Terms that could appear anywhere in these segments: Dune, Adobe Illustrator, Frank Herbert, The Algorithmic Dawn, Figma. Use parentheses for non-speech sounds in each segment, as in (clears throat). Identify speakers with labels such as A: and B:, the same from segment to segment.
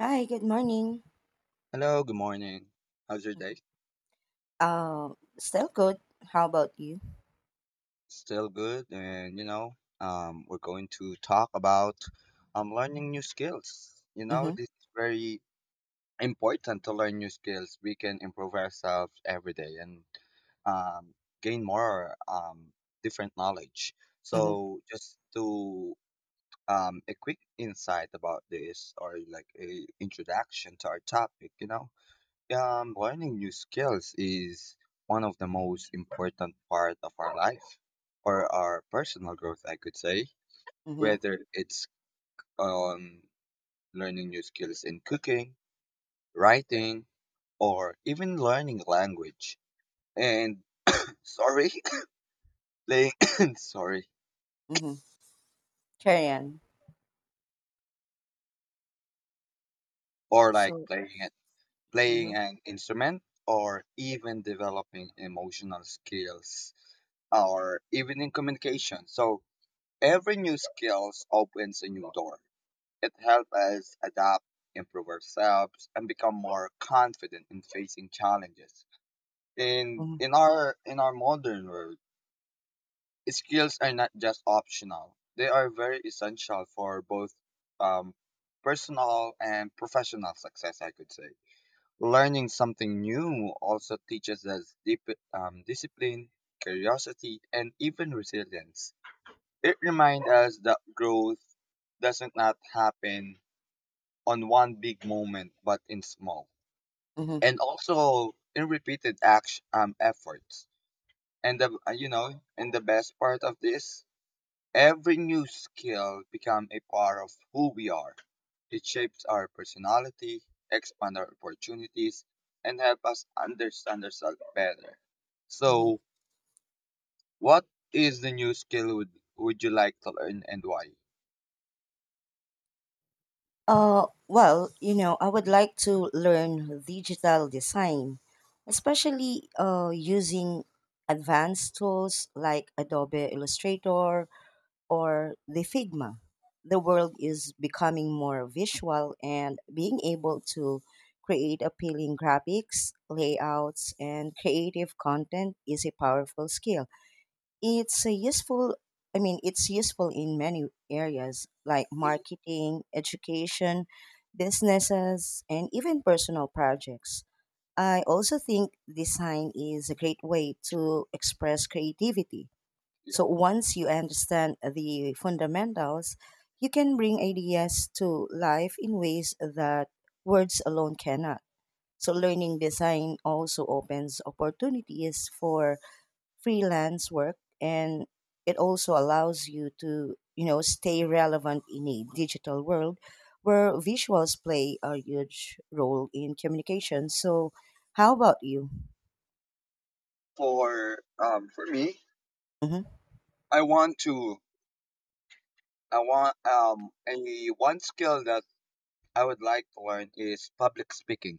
A: Hi, good morning.
B: Hello, good morning. How's your day?
A: Uh, Still good. How about you?
B: Still good, and we're going to talk about learning new skills. You know,
A: Mm-hmm.
B: this is very important to learn new skills. We can improve ourselves every day and um, gain more different knowledge.
A: Mm-hmm.
B: So, just to a quick insight about this, or like a introduction to our topic, learning new skills is one of the most important part of our life or our personal growth, I could say.
A: Mm-hmm.
B: Whether it's um learning new skills in cooking, writing, or even learning language. And (coughs) sorry, (coughs) playing (coughs) sorry,
A: Mm-hmm. Carry on.
B: or like
A: So,
B: playing it,
A: Mm-hmm.
B: playing an instrument, or even developing emotional skills, or even in communication. So every new skills opens a new door. It helps us adapt, improve ourselves, and become more confident in facing challenges. In
A: Mm-hmm.
B: in our in our modern world, skills are not just optional. They are very essential for both um, personal and professional success. I could say learning something new also teaches us deep discipline, curiosity, and even resilience. It reminds us that growth doesn't not happen on one big moment, but in small
A: Mm-hmm.
B: and also in repeated action efforts. And and the best part of this, every new skill become a part of who we are. It shapes our personality, expand our opportunities, and help us understand ourselves better.
A: hmm
B: So, what is the new skill would you like to learn and why?
A: well, I would like to learn digital design, especially using advanced tools like Adobe Illustrator or the Figma. The world is becoming more visual, and being able to create appealing graphics, layouts, and creative content is a powerful skill. It's a useful, I mean, it's useful in many areas like
B: Mhm.
A: marketing, education, businesses, and even personal projects. I also think design is a great way to express creativity, so once you understand the fundamentals, you can bring ideas to life in ways that words alone cannot. So learning design also opens opportunities for freelance work, and it also allows you to stay relevant in a digital world where visuals play a huge role in communication. So how about you?
B: For me,
A: Mhm.
B: I want to I want a one skill that I would like to learn is public speaking.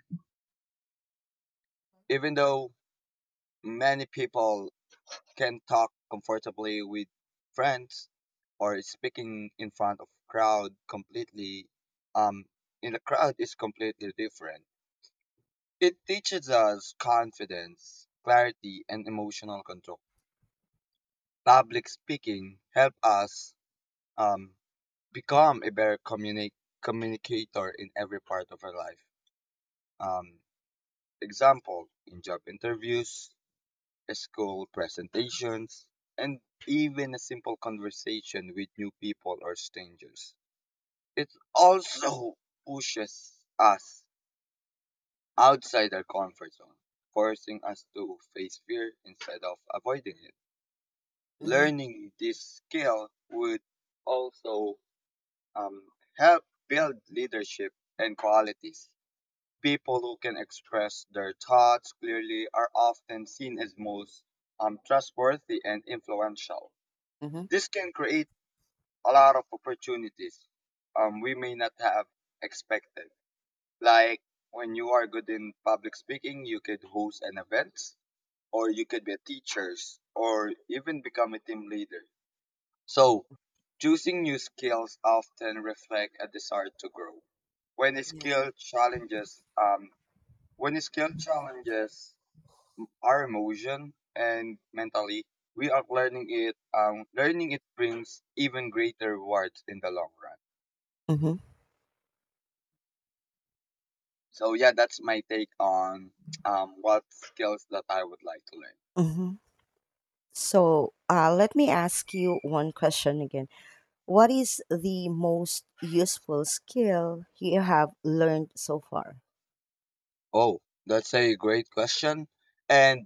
B: Even though many people can talk comfortably with friends, or speaking in front of crowd completely um in a crowd is completely different. It teaches us confidence, clarity, and emotional control. Public speaking help us um become a communicator in every part of our life. Um, example, in job interviews, school presentations, and even a simple conversation with new people or strangers. It also pushes us outside our comfort zone, forcing us to face fear instead of avoiding it.
A: Mhm.
B: Learning this skill would also um, help build leadership and qualities. People who can express their thoughts clearly are often seen as most trustworthy and influential.
A: Mhm.
B: This can create a lot of opportunities we may not have expected. Like when you are good in public speaking, you could host an event, or you could be a teacher, or even become a team leader. So, choosing new skills often reflect a desire to grow. When a
A: Yeah.
B: skill challenges um, when skill challenges our emotion and mentally, we are learning it. Learning it brings even greater rewards in the long run.
A: Mhm.
B: So yeah, that's my take on what skills that I would like to learn.
A: Mhm. So, let me ask you one question again. What is the most useful skill you have learned so far?
B: Oh, that's a great question, and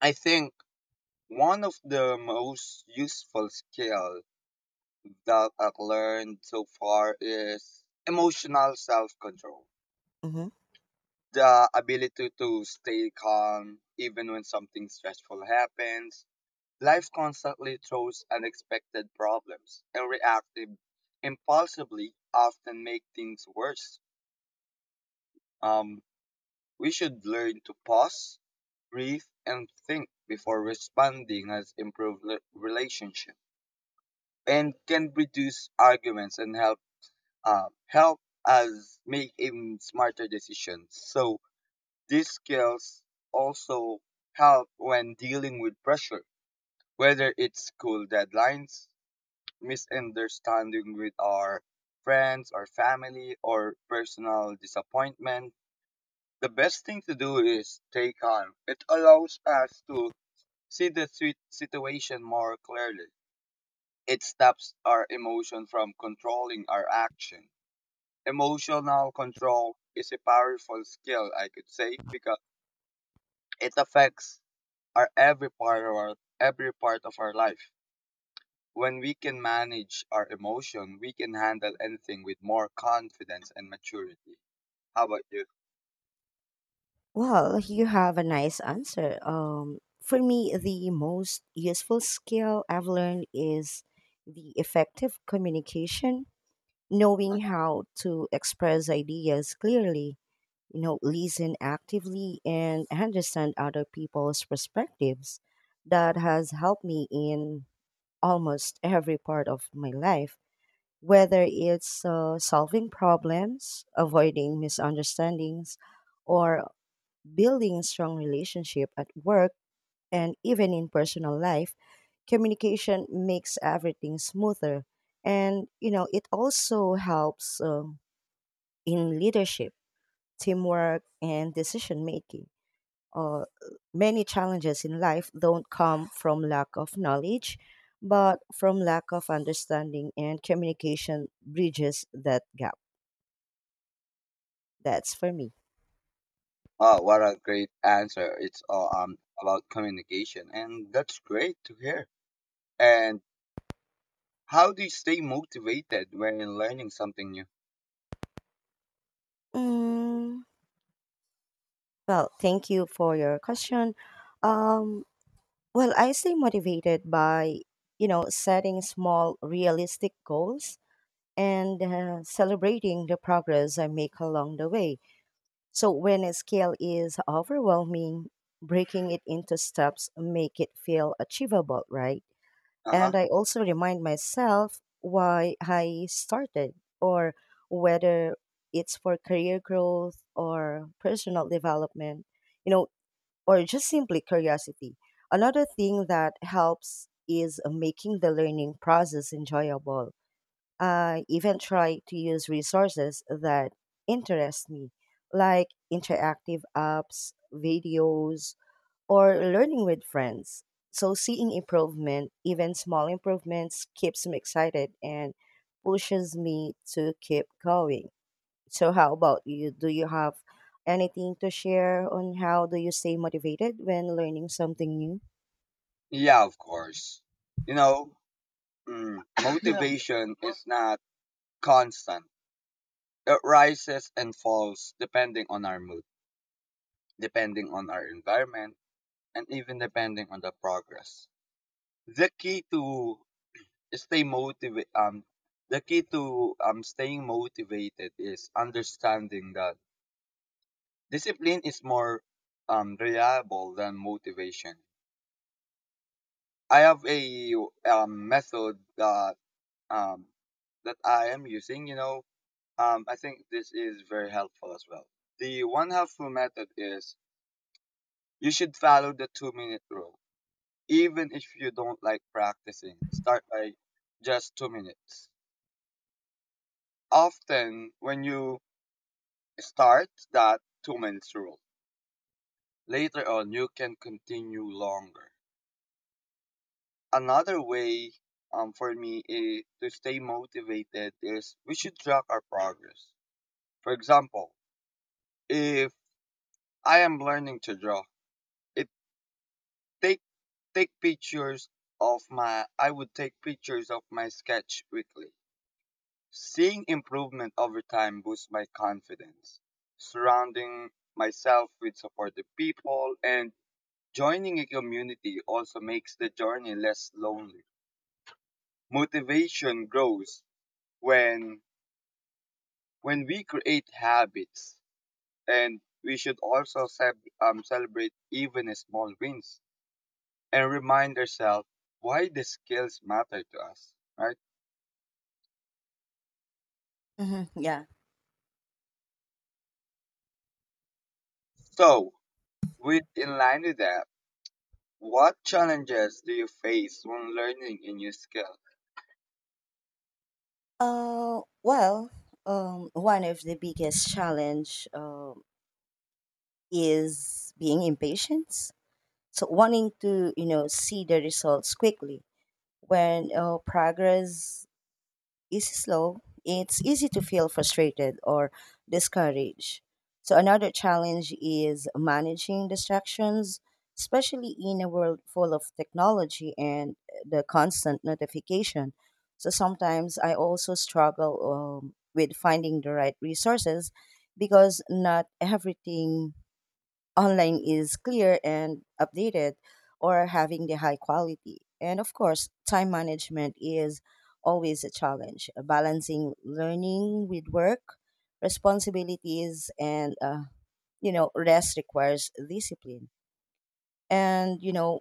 B: I think one of the most useful skill that I've learned so far is emotional self control,
A: hmm
B: the ability to stay calm even when something stressful happens. Life constantly throws unexpected problems, and reacting impulsively often make things worse. Um, we should learn to pause, breathe, and think before responding as improved relationship and can reduce arguments and help uh, help us make even smarter decisions. So these skills also help when dealing with pressure, whether it's school deadlines, misunderstanding with our friends or family, or personal disappointment. The best thing to do is stay calm. It allows us to see the situation more clearly. It stops our emotion from controlling our action. Emotional control is a powerful skill, I could say, because it affects are every part of our every part of our life. When we can manage our emotion, we can handle anything with more confidence and maturity. How about you?
A: Well, you have a nice answer. For me, the most useful skill I've learned is the effective communication, knowing how to express ideas clearly listen actively, and understand other people's perspectives. That has helped me in almost every part of my life, whether it's solving problems, avoiding misunderstandings, or building strong relationship at work and even in personal life. Communication makes everything smoother. And it also helps in leadership, teamwork, and decision making. Uh, Many challenges in life don't come from lack of knowledge, but from lack of understanding, and communication bridges that gap. That's for me.
B: Oh, what a great answer! It's all about communication, and that's great to hear. And how do you stay motivated when learning something new?
A: Mm, well, thank you for your question. Um, well, I stay motivated by setting small, realistic goals and celebrating the progress I make along the way. So when a scale is overwhelming, breaking it into steps make it feel achievable, right?
B: Uh huh.
A: And I also remind myself why I started, or whether it's for career growth or personal development, you know, or just simply curiosity. Another thing that helps is making the learning process enjoyable. I even try to use resources that interest me, like interactive apps, videos, or learning with friends. So seeing improvement, even small improvements, keeps me excited and pushes me to keep going. So how about you? Do you have anything to share on how do you stay motivated when learning something new?
B: Yeah, of course. You know, (coughs) Yeah. Motivation is not constant. It rises and falls depending on our mood, depending on our environment, and even depending on the progress. The key to stay motivated, um, the key to staying motivated is understanding that discipline is more reliable than motivation. I have a method um, that I am using. I think this is very helpful as well. The one helpful method is you should follow the 2 minute rule, even if you don't like practicing. Start by just 2 minutes. Often, when you start that 2 minutes rule, later on you can continue longer. Another way for me to stay motivated is we should track our progress. For example, if I am learning to draw, it take take pictures of my I would take pictures of my sketch weekly. Seeing improvement over time boosts my confidence. Surrounding myself with supportive people and joining a community also makes the journey less lonely. Motivation grows when when we create habits, and we should also celebrate even small wins and remind ourselves why the skills matter to us, right?
A: Hmm. Yeah.
B: So, with in line with that, what challenges do you face when learning a new skill?
A: Well, one of the biggest challenge is being impatient. So wanting to see the results quickly. When progress is slow, it's easy to feel frustrated or discouraged. So, another challenge is managing distractions, especially in a world full of technology and the constant notification. So, sometimes I also struggle with finding the right resources because not everything online is clear and updated or having the high quality. And of course, time management is always a challenge, balancing learning with work, responsibilities, and rest requires discipline. And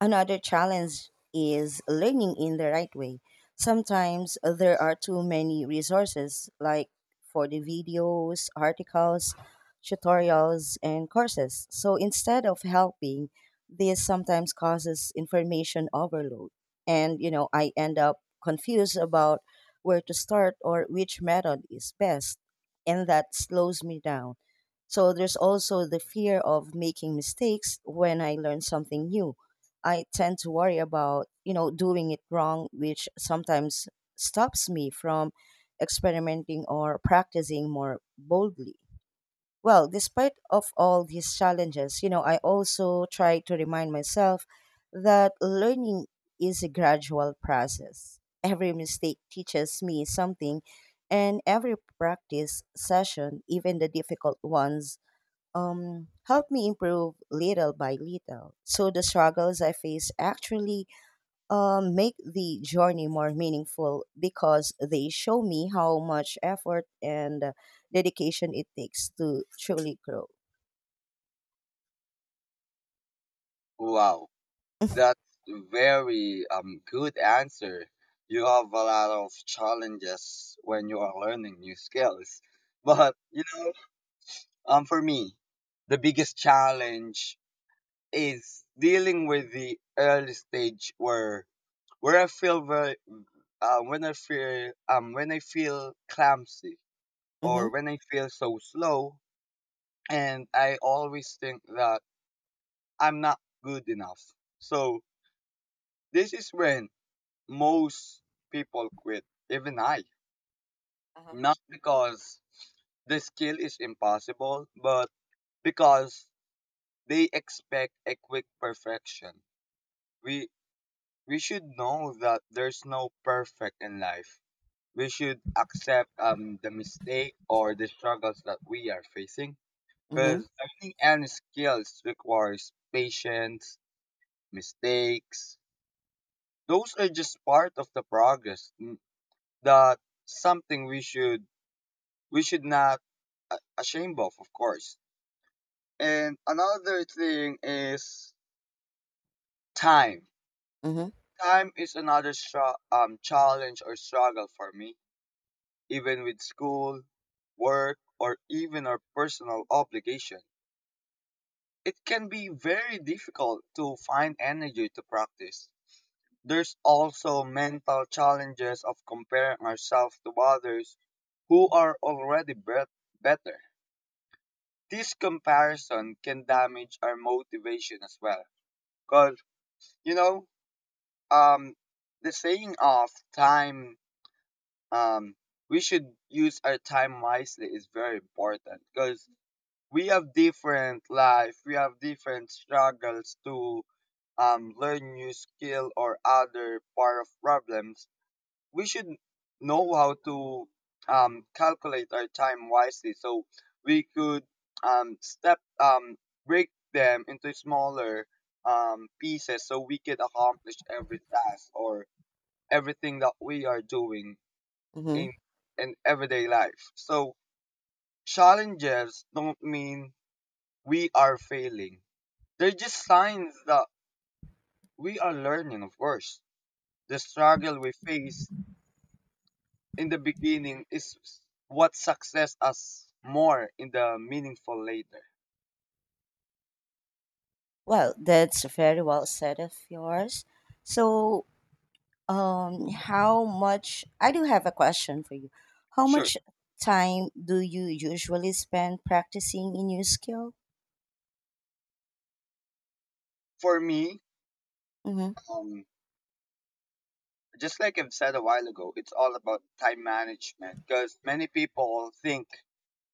A: another challenge is learning in the right way. Sometimes there are too many resources, like for the videos, articles, tutorials, and courses. So instead of helping, this sometimes causes information overload. And I end up confused about where to start or which method is best. And that slows me down. So there's also the fear of making mistakes. When I learn something new, I tend to worry about doing it wrong, which sometimes stops me from experimenting or practicing more boldly. Well, despite of all these challenges I also try to remind myself that learning is a gradual process. Every mistake teaches me something, and every practice session, even the difficult ones, helped me improve little by little. So the struggles I face actually make the journey more meaningful because they show me how much effort and dedication it takes to truly grow.
B: Wow,
A: (laughs)
B: that's very good answer. You have a lot of challenges when you are learning new skills. (laughs) But you know, for me, the biggest challenge is dealing with the early stage where I feel very when I feel clumsy or
A: Mhm.
B: when I feel so slow, and I always think that I'm not good enough. So this is when most people quit, even I.
A: Uh-huh.
B: Not because the skill is impossible, but because they expect a quick perfection. We we should know that there's no perfect in life. We should accept the mistake or the struggles that we are facing. Because
A: Mhm.
B: learning any skills requires patience, mistakes. Those are just part of the that something we should not a- ashamed of course. And another thing is time.
A: Mhm.
B: Time is another challenge or struggle for me, even with school, work, or even our personal obligation. It can be very difficult to find energy to practice. There's also mental challenges of comparing ourselves to others who are already better. This comparison can damage our motivation as well. Cause you know, um, the saying of time, um, we should use our time wisely is very important. Cause we have different life, we have different struggles to learn new skill or other part of problems. We should know how to calculate our time wisely, so we could step break them into smaller pieces, so we could accomplish every task or everything that we are doing
A: Mhm.
B: in in everyday life. So challenges don't mean we are failing. They're just signs that we are learning. Of course, the struggle we face in the beginning is what success us more in the meaningful later.
A: Well, that's very well said of yours. So, how much I do have a question for you. How
B: Sure.
A: much time do you usually spend practicing a new skill?
B: For me,
A: Mm-hmm,
B: um, just like I've said a while ago, it's all about time management, because many people think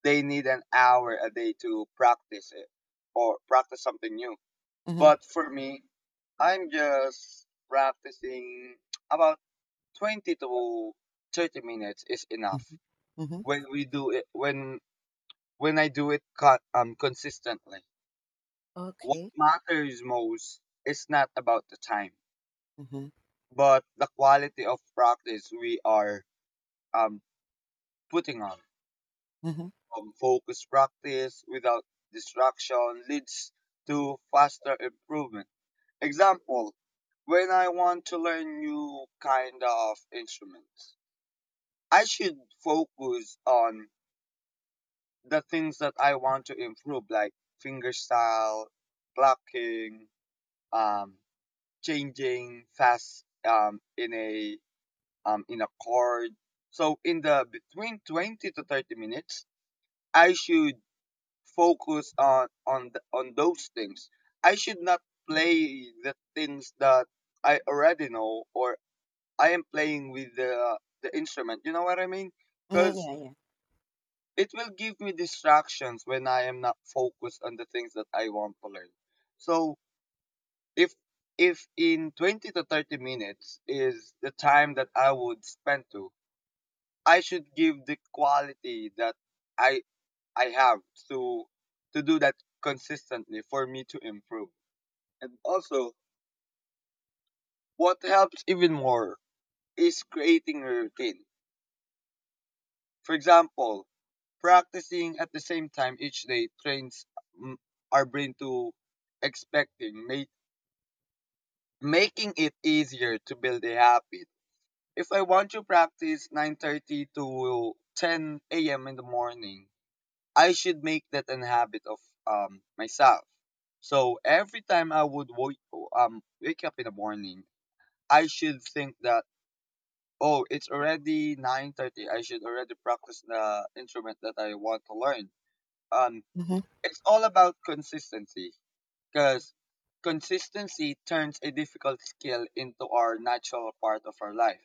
B: they need an hour a day to practice it or practice something new.
A: mm-hmm,
B: But for me, I'm just practicing about 20 to 30 minutes is enough
A: mm-hmm, mm-hmm.
B: when we do it when I do it consistently. What
A: Okay.
B: matters most is not about the time,
A: Mm-hmm,
B: but the quality of practice we are um, putting on.
A: mm-hmm,
B: Focused practice without distraction leads to faster improvement. Example, when I want to learn new kind of instruments, I should focus on the things that I want to improve, like finger style, plucking, um, changing fast in a card. So in the between 20 to 30 minutes, I should focus on those things. I should not play the things that I already know or I am playing with the instrument. You know what I mean? Cuz
A: mm-hmm. Yeah,
B: it will give me distractions when I am not focused on the things that I want to learn. So if if in 20 to 30 minutes is the time that I would spend to, I should give the quality that I I have to to do that consistently for me to improve. And also, what helps even more is creating a routine. For example, practicing at the same time each day trains mm, our brain to expecting, making it easier to build a habit. If I want to practice 9:30 to 10 a.m. in the morning, I should make that an habit of myself. So every time I would wake up in the morning, I should think that oh, it's already 9:30. I should already practice the instrument that I want to learn. Um,
A: yeah. Mm-hmm.
B: it's all about consistency, because consistency turns a difficult skill into our natural part of our life.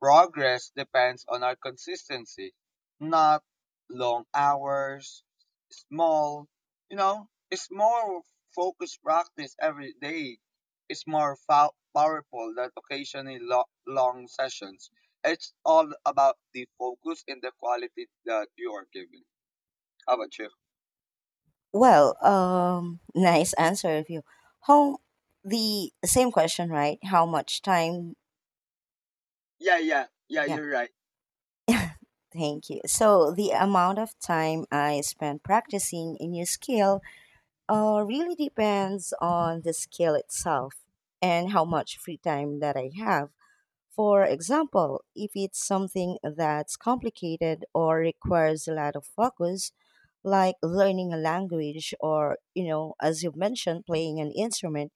B: Progress depends on our consistency, not long hours, small, it's more focused practice every day. It's more powerful than occasionally long sessions. It's all about the focus and the quality that you are giving. How about you?
A: Well, nice answer of you. How The same question, right? How much time?
B: Yeah, yeah, yeah,
A: Yeah.
B: you're right.
A: (laughs) Thank you. So the amount of time I spend practicing a new skill really depends on the skill itself and how much free time that I have. For example, if it's something that's complicated or requires a lot of focus, like learning a language or as you've mentioned, playing an instrument,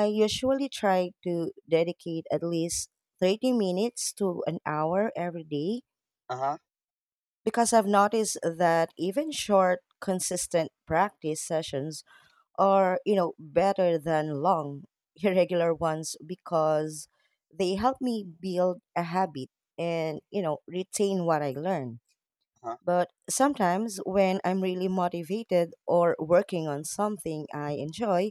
A: I usually try to dedicate at least 30 minutes to an hour every day,
B: Uh huh,
A: because I've noticed that even short, consistent practice sessions are better than long, irregular ones, because they help me build a habit and retain what I learn.
B: uh huh,
A: But sometimes when I'm really motivated or working on something I enjoy,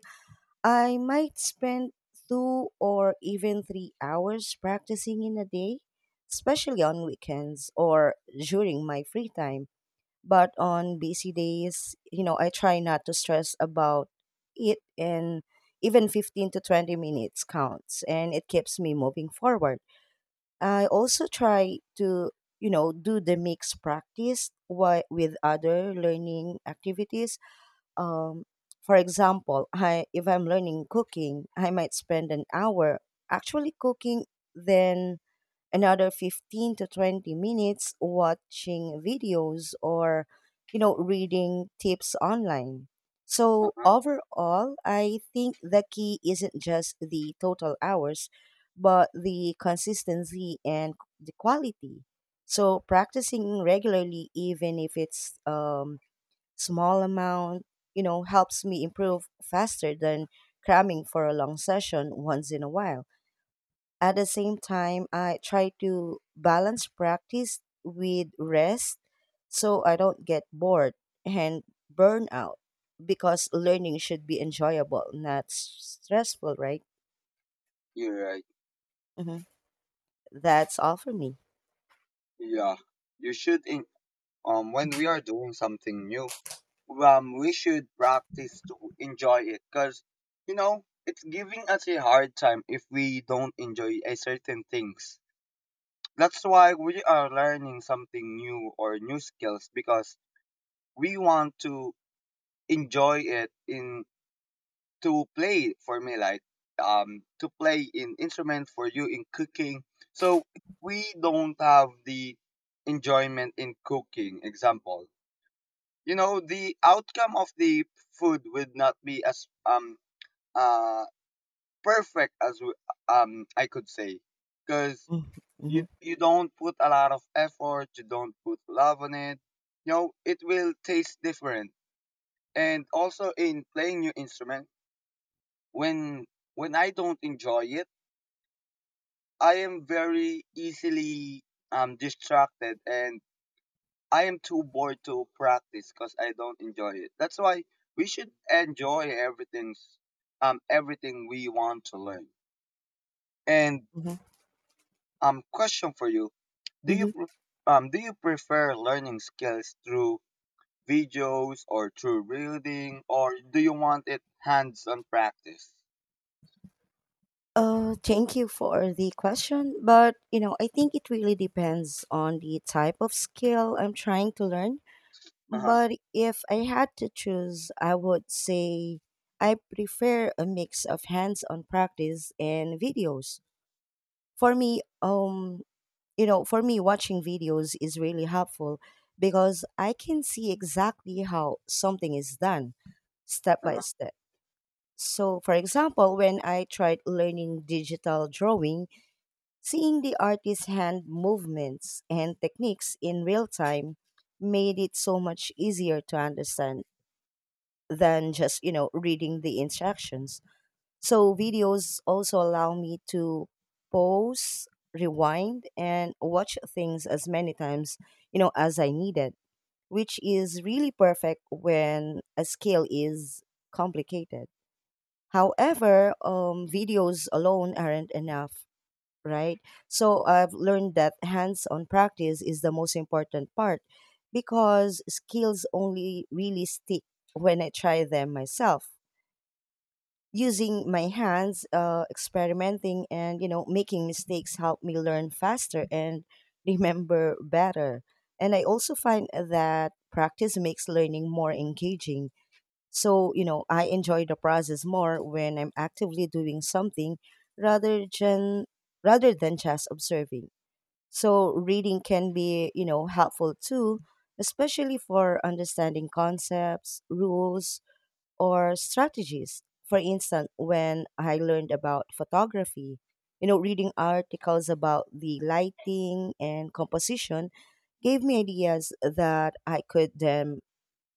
A: I might spend 2 or even 3 hours practicing in a day, especially on weekends or during my free time. But on busy days I try not to stress about it, and even 15 to 20 minutes counts and it keeps me moving forward. I also try to do the mix practice with other learning activities. Um, for example, if I'm learning cooking, I might spend an hour actually cooking, then another 15 to 20 minutes watching videos or reading tips online.
B: uh
A: So
B: huh.
A: overall, I think the key isn't just the total hours, but the consistency and the quality. So practicing regularly, even if it's small amount, helps me improve faster than cramming for a long session once in a while. At the same time, I try to balance practice with rest so I don't get bored and burn out, because learning should be enjoyable, not stressful, right?
B: You're right.
A: hmm That's all for me.
B: Yeah. You should, in- when we are doing something new, we should practice to enjoy it because it's giving us a hard time if we don't enjoy a certain things. That's why we are learning something new or new skills, because we want to enjoy it in to play for me like to play in instrument, for you in cooking. So if we don't have the enjoyment in cooking example, the outcome of the food would not be as uh perfect as we, I could say, because
A: Mm-hmm.
B: you don't put a lot of effort, you don't put love on it. You know it will taste different. And also in playing new instrument, when I don't enjoy it, I am very easily distracted, and I am too bored to practice because I don't enjoy it. That's why we should enjoy everything we want to learn. And
A: hmm
B: question for you. Do you
A: hmm
B: pre- do you prefer learning skills through videos or through reading, or do you want it hands-on practice?
A: Thank you for the question. But I think it really depends on the type of skill I'm trying to learn.
B: Uh-huh.
A: But if I had to choose, I would say I prefer a mix of hands-on practice and videos. For me, watching videos is really helpful because I can see exactly how something is done step by
B: Uh-huh.
A: step. So, for example, when I tried learning digital drawing, seeing the artist's hand movements and techniques in real time made it so much easier to understand than just reading the instructions. So videos also allow me to pause, rewind, and watch things as many times as I needed, which is really perfect when a skill is complicated. However, videos alone aren't enough, right? So I've learned that hands-on practice is the most important part because skills only really stick when I try them myself. Using my hands, experimenting, and making mistakes help me learn faster and (laughs) remember better. And I also find that practice makes learning more engaging, so I enjoy the process more when I'm actively doing something rather than rather than just observing. So reading can be helpful too, especially for understanding concepts, rules, or strategies. For instance, when I learned about photography reading articles about the lighting and composition gave me ideas that I could then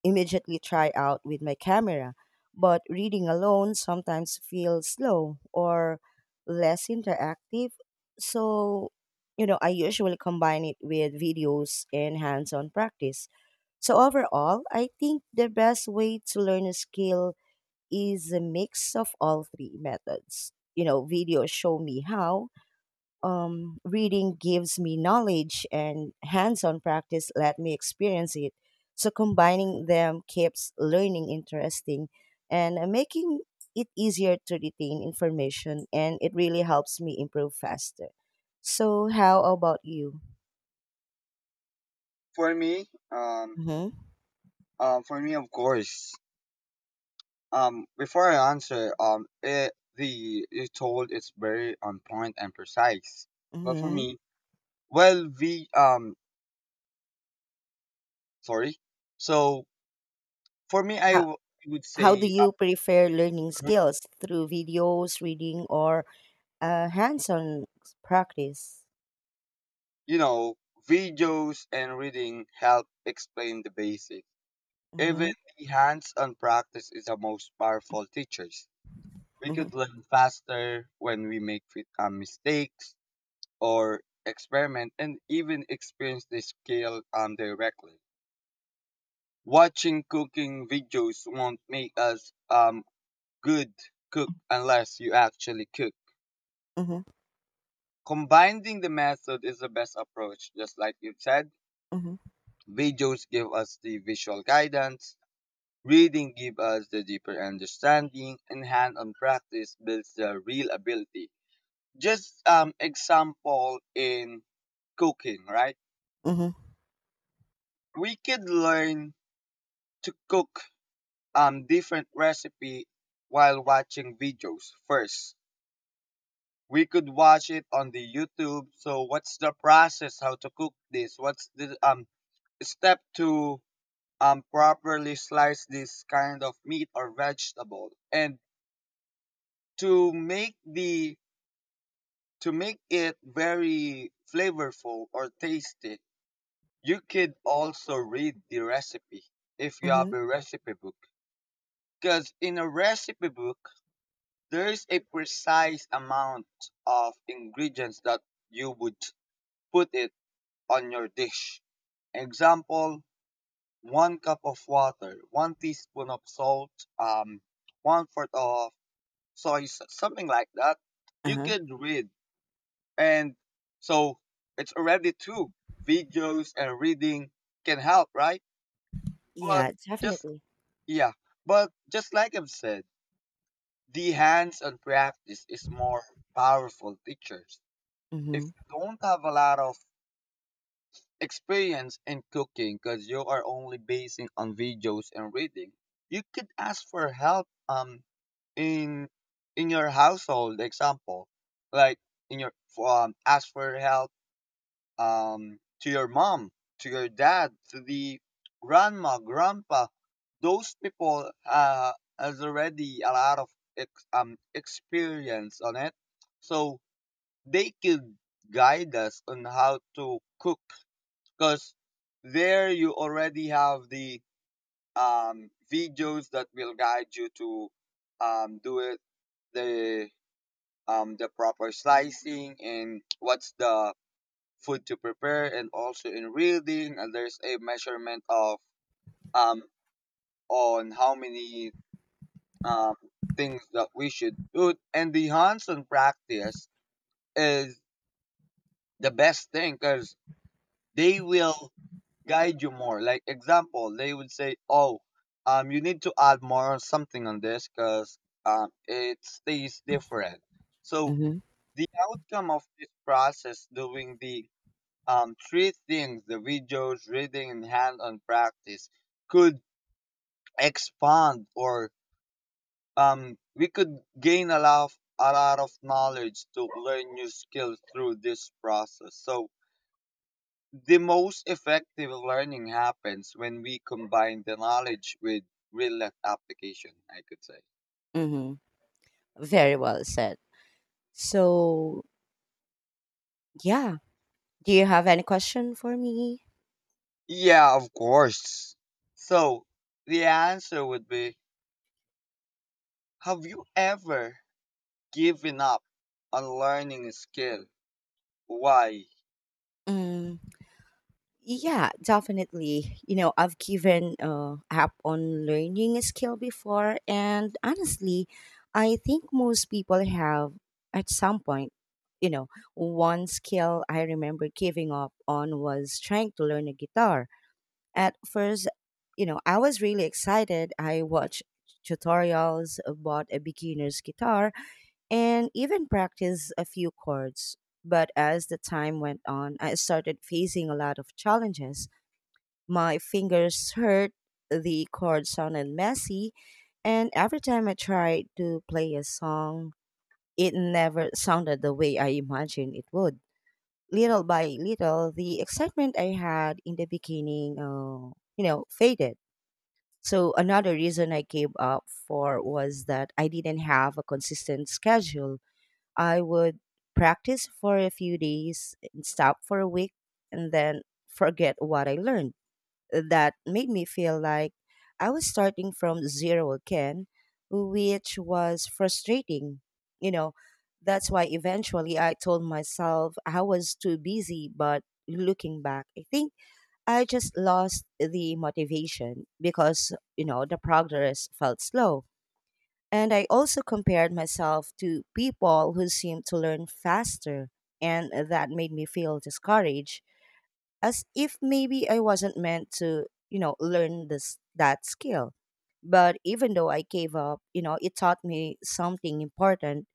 A: immediately try out with my camera. But reading alone sometimes feels slow or less interactive. So I usually combine it with videos and hands on practice. So, overall, I think the best way to learn a skill is a mix of all three methods. Videos show me how, reading gives me knowledge, and hands on practice let me experience it. So combining them keeps learning interesting and making it easier to retain information, and it really helps me improve faster. So, how about you?
B: For me, um
A: Mm-hmm.
B: for me, of course. Before I answer, the you told it's very on point and precise. But for
A: Mm-hmm.
B: me, well, the sorry. So for me,
A: How,
B: would
A: how do
B: say,
A: you prefer learning
B: uh,
A: skills through videos, reading, or hands-on practice?
B: you know, videos and reading help explain the basics. Even
A: Mm-hmm.
B: the hands-on practice is the most powerful teachers. We
A: Mm-hmm.
B: could learn faster when we make mistakes or experiment and even experience the skill directly. Watching cooking videos won't make us good cook unless you actually cook.
A: Mm-hmm.
B: Combining the method is the best approach, just like you said.
A: Mm-hmm.
B: Videos give us the visual guidance, reading give us the deeper understanding, and hand-on practice builds the real ability. Just example in cooking, right?
A: Mm-hmm.
B: We could learn to cook different recipe while watching videos first. We could watch it on the YouTube. So what's the process? How to cook this? What's the step to properly slice this kind of meat or vegetable? And to make the to make it very flavorful or tasty, you could also read the recipe if you have
A: Mm-hmm.
B: a recipe book. Because in a recipe book, there is a precise amount of ingredients that you would put in on your dish. Example, one cup of water, one teaspoon of salt, um, one fourth of soy, sauce, something like that. You
A: Uh-huh.
B: could read. And so it's already two, videos and reading can help, right? But
A: Yeah,
B: just,
A: definitely.
B: yeah. But just like I've said, the hands on practice is more powerful teachers. If
A: Mm-hmm.
B: you don't have a lot of experience in cooking because you are only basing on videos and reading, you could ask for help in your household example, like in your ask for help to your mom, to your dad, to the grandma, grandpa. Those people has already a lot of experience on it, so they could guide us on how to cook. Because there you already have the videos that will guide you to do it the the proper slicing and what's the food to prepare, and also in reading and there's a measurement of um, on how many um, things that we should do. And the hands-on practice is the best thing because they will guide you more. Like example, they would say, "Oh, you need to add more something on this because it stays different." So
A: Mm-hmm.
B: the outcome of this process, doing the three things: the videos, reading, and hand-on practice, could expand, or we could gain a lot of knowledge to learn new skills through this process. So the most effective learning happens when we combine the knowledge with real life application, I could say.
A: Mm-hmm. Very well said. So, yeah. Do you have any question for me?
B: Yeah, of course. So the answer would be, have you ever given up on learning a skill? Why?
A: Mm. Yeah, definitely. You know, I've given up on learning a skill before, and honestly, I think most people have at some point. You know, One skill I remember giving up on was trying to learn a guitar. At first I was really excited. I watched tutorials, bought a beginner's guitar, and even practiced a few chords. But as the time went on, I started facing a lot of challenges. My fingers hurt, the chords sounded messy, and every time I tried to play a song, it never sounded the way I imagined it would. Little by little, the excitement I had in the beginning faded. So another reason I gave up for was that I didn't have a consistent schedule. I would practice for a few days and stop for a week and then forget what I learned. That made me feel like I was starting from zero again, which was frustrating. You know, that's why eventually I told myself I was too busy, but looking back, I think I just lost the motivation because, the progress felt slow. And I also compared myself to people who seemed to learn faster, and that made me feel discouraged, as if maybe I wasn't meant to, learn this that skill. But even though I gave up, it taught me something important.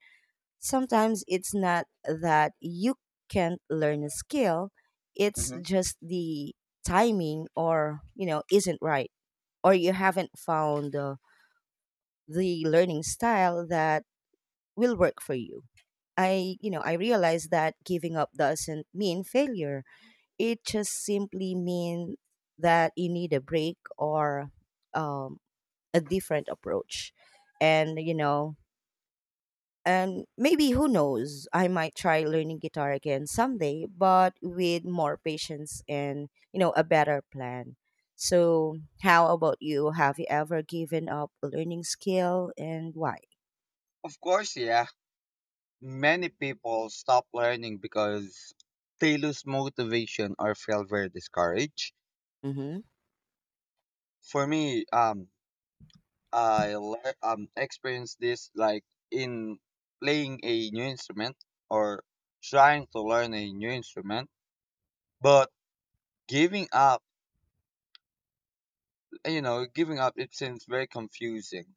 A: Sometimes it's not that you can't learn a skill, it's
B: Hmm.
A: just the timing or, isn't right, or you haven't found the learning style that will work for you. I realized that giving up doesn't mean failure, it just simply means that you need a break or um, a different approach. And, you know, and maybe, who knows, I might try learning guitar again someday, but with more patience and, a better plan. So, how about you? Have you ever given up a learning skill, and why?
B: Of course, yeah. Many people stop learning because they lose motivation or feel very discouraged.
A: Mm-hmm.
B: For me, experienced this like in playing a new instrument or trying to learn a new instrument. But giving up, giving up it seems very confusing.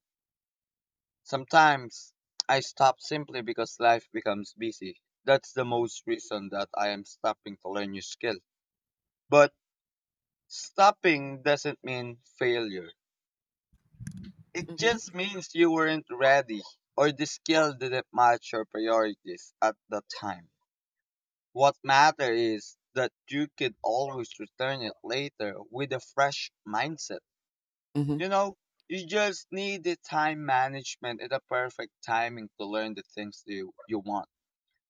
B: Sometimes I stop simply because life becomes busy. That's the
A: Mm-hmm.
B: most reason that I am stopping to learn new skill. But stopping doesn't mean failure. It
A: Mm-hmm.
B: just means you weren't ready or the skill didn't match your priorities at the time. What matters is that you can always return it later with a fresh mindset.
A: Mm-hmm.
B: You know, you just need the time management and the perfect timing to learn the things that you want.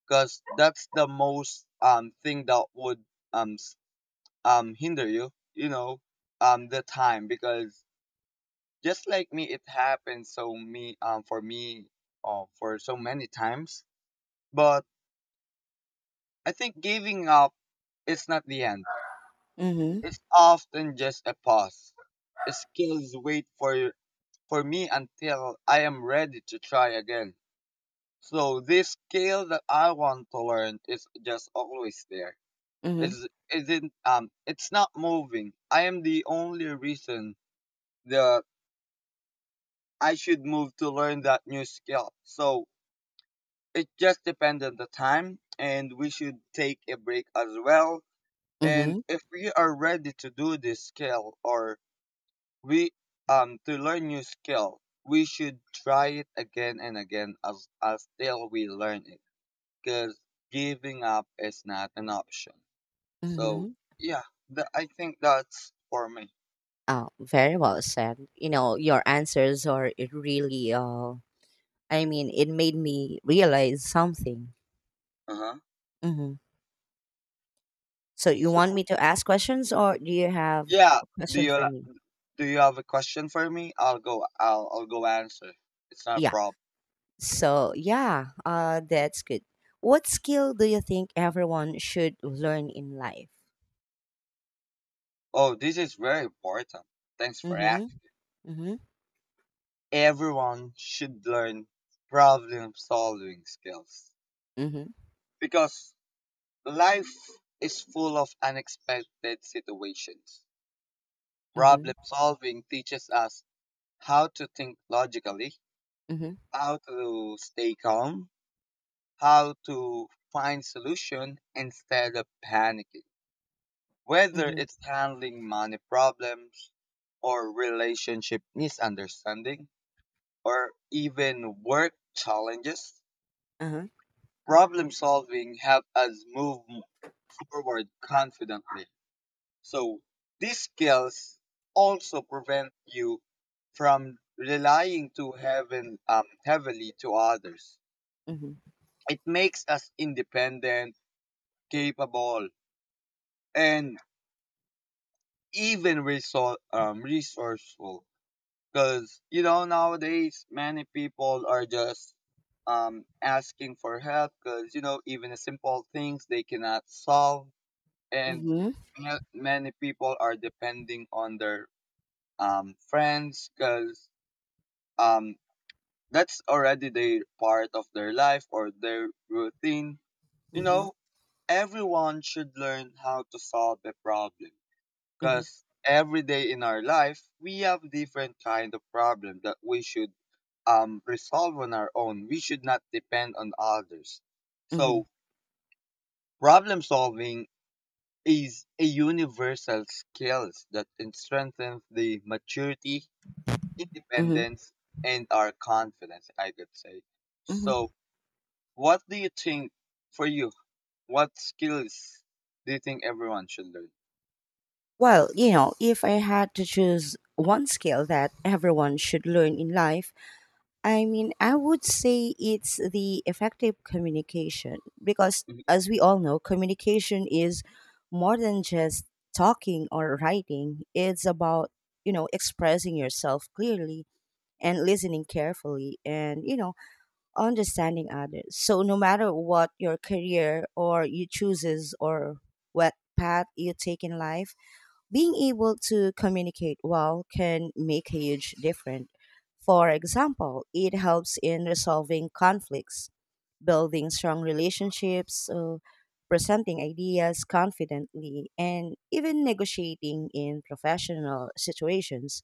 B: Because that's the most thing that would um s- hinder you, you know, the time. Because just like me it happened so me for me for so many times. But I think giving up, it's not the end.
A: Mhm.
B: It's often just a pause. Skills wait for me until I am ready to try again. So this skill that I want to learn is just always there.
A: Mhm.
B: It's it's not moving. I am the only reason the I should move to learn that new skill. So it just depends on the time, and we should take a break as well. And
A: Mhm.
B: if we are ready to do this skill, or We to learn new skill, we should try it again and again as till we learn it. Because giving up is not an option. So
A: Mhm.
B: yeah, I think that's for me.
A: Oh, very well said. You know, your answers are it really I mean, it made me realize something.
B: Uh huh.
A: Mhm. So, you want
B: So
A: me to ask questions, or do you have
B: yeah,
A: a
B: do
A: question
B: you
A: for me?
B: do you have a question for me? I'll go. I'll go answer. It's not a
A: Yeah.
B: problem.
A: So, yeah, that's good. What skill do you think everyone should learn in life?
B: Oh, this is very important. Thanks for
A: Mhm.
B: asking.
A: Mhm.
B: Everyone should learn problem solving skills
A: Mhm.
B: because life is full of unexpected situations. Problem
A: Mhm.
B: solving teaches us how to think logically,
A: Mhm.
B: how to stay calm, how to find solution instead of panicking. Whether
A: Mhm.
B: it's handling money problems or relationship misunderstanding or even work challenges,
A: Uh-huh.
B: problem solving helps us move forward confidently. So these skills also prevent you from relying too heavily to others.
A: Mhm.
B: It makes us independent, capable, and even resourceful. Because, you know, nowadays many people are just asking for help because, you know, even the simple things they cannot solve. And
A: Mhm.
B: many people are depending on their friends because um that's already their part of their life or their routine. You
A: Mhm.
B: know, everyone should learn how to solve a problem,
A: Mhm.
B: because every day in our life we have different kind of problem that we should resolve on our own. We should not depend on others. So
A: Mhm.
B: problem solving is a universal skills that strengthens the maturity,
A: Mhm.
B: independence, and our confidence, I could say. So
A: Mhm.
B: what do you think for you? What skills do you think everyone should learn?
A: Well, you know, if I had to choose one skill that everyone should learn in life, I mean, I would say it's the effective communication, because,
B: Mhm.
A: as we all know, communication is more than just talking or writing. It's about, expressing yourself clearly and listening carefully and, understanding others. So, no matter what your career or you chooses or what path you take in life, being able to communicate well can make a huge difference. For example, it helps in resolving conflicts, building strong relationships, presenting ideas confidently, and even negotiating in professional situations.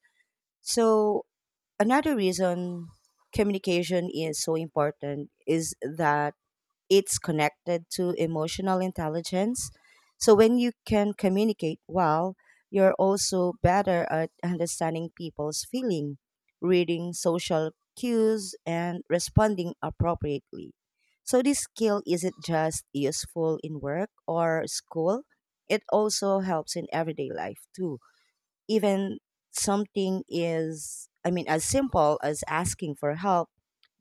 A: So, another reason communication is so important is that it's connected to emotional intelligence. So when you can communicate well, you're also better at understanding people's feeling, reading social cues, and responding appropriately. So this skill isn't just useful in work or school, it also helps in everyday life too. Even something is, I mean, as simple as asking for help,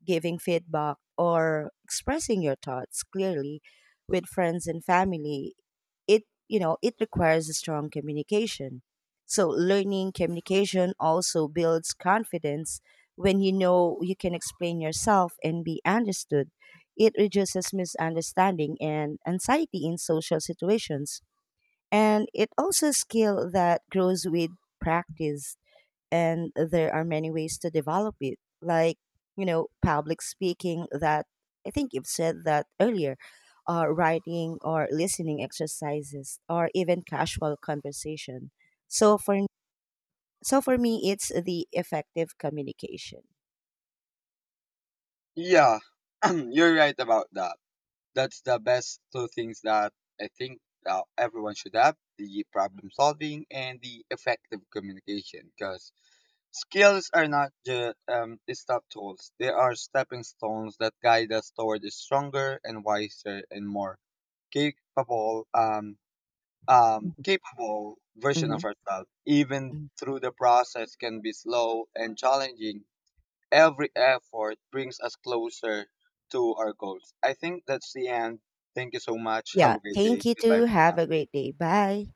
A: giving feedback, or expressing your thoughts clearly with friends and family, it, you know, it requires a strong communication. So learning communication also builds confidence. When you know you can explain yourself and be understood, it reduces misunderstanding and anxiety in social situations. And it also a skill that grows with practice, and there are many ways to develop it, like, you know, public speaking, that I think you've said that earlier, writing or listening exercises or even casual conversation. So for so for me it's the effective communication.
B: Yeah, (clears throat) you're right about that. That's the best two things that I think everyone should have: the problem solving and the effective communication. Because skills are not just stop tools, they are stepping stones that guide us toward a stronger and wiser and more capable
A: Mhm.
B: capable version of
A: Mhm.
B: ourselves. Even
A: Mhm.
B: through the process can be slow and challenging, every effort brings us closer to our goals. I think that's the end. Thank you so much. Have
A: Yeah,
B: a great
A: thank
B: day.
A: you
B: Goodbye
A: too.
B: for
A: Have
B: now.
A: a great day. Bye.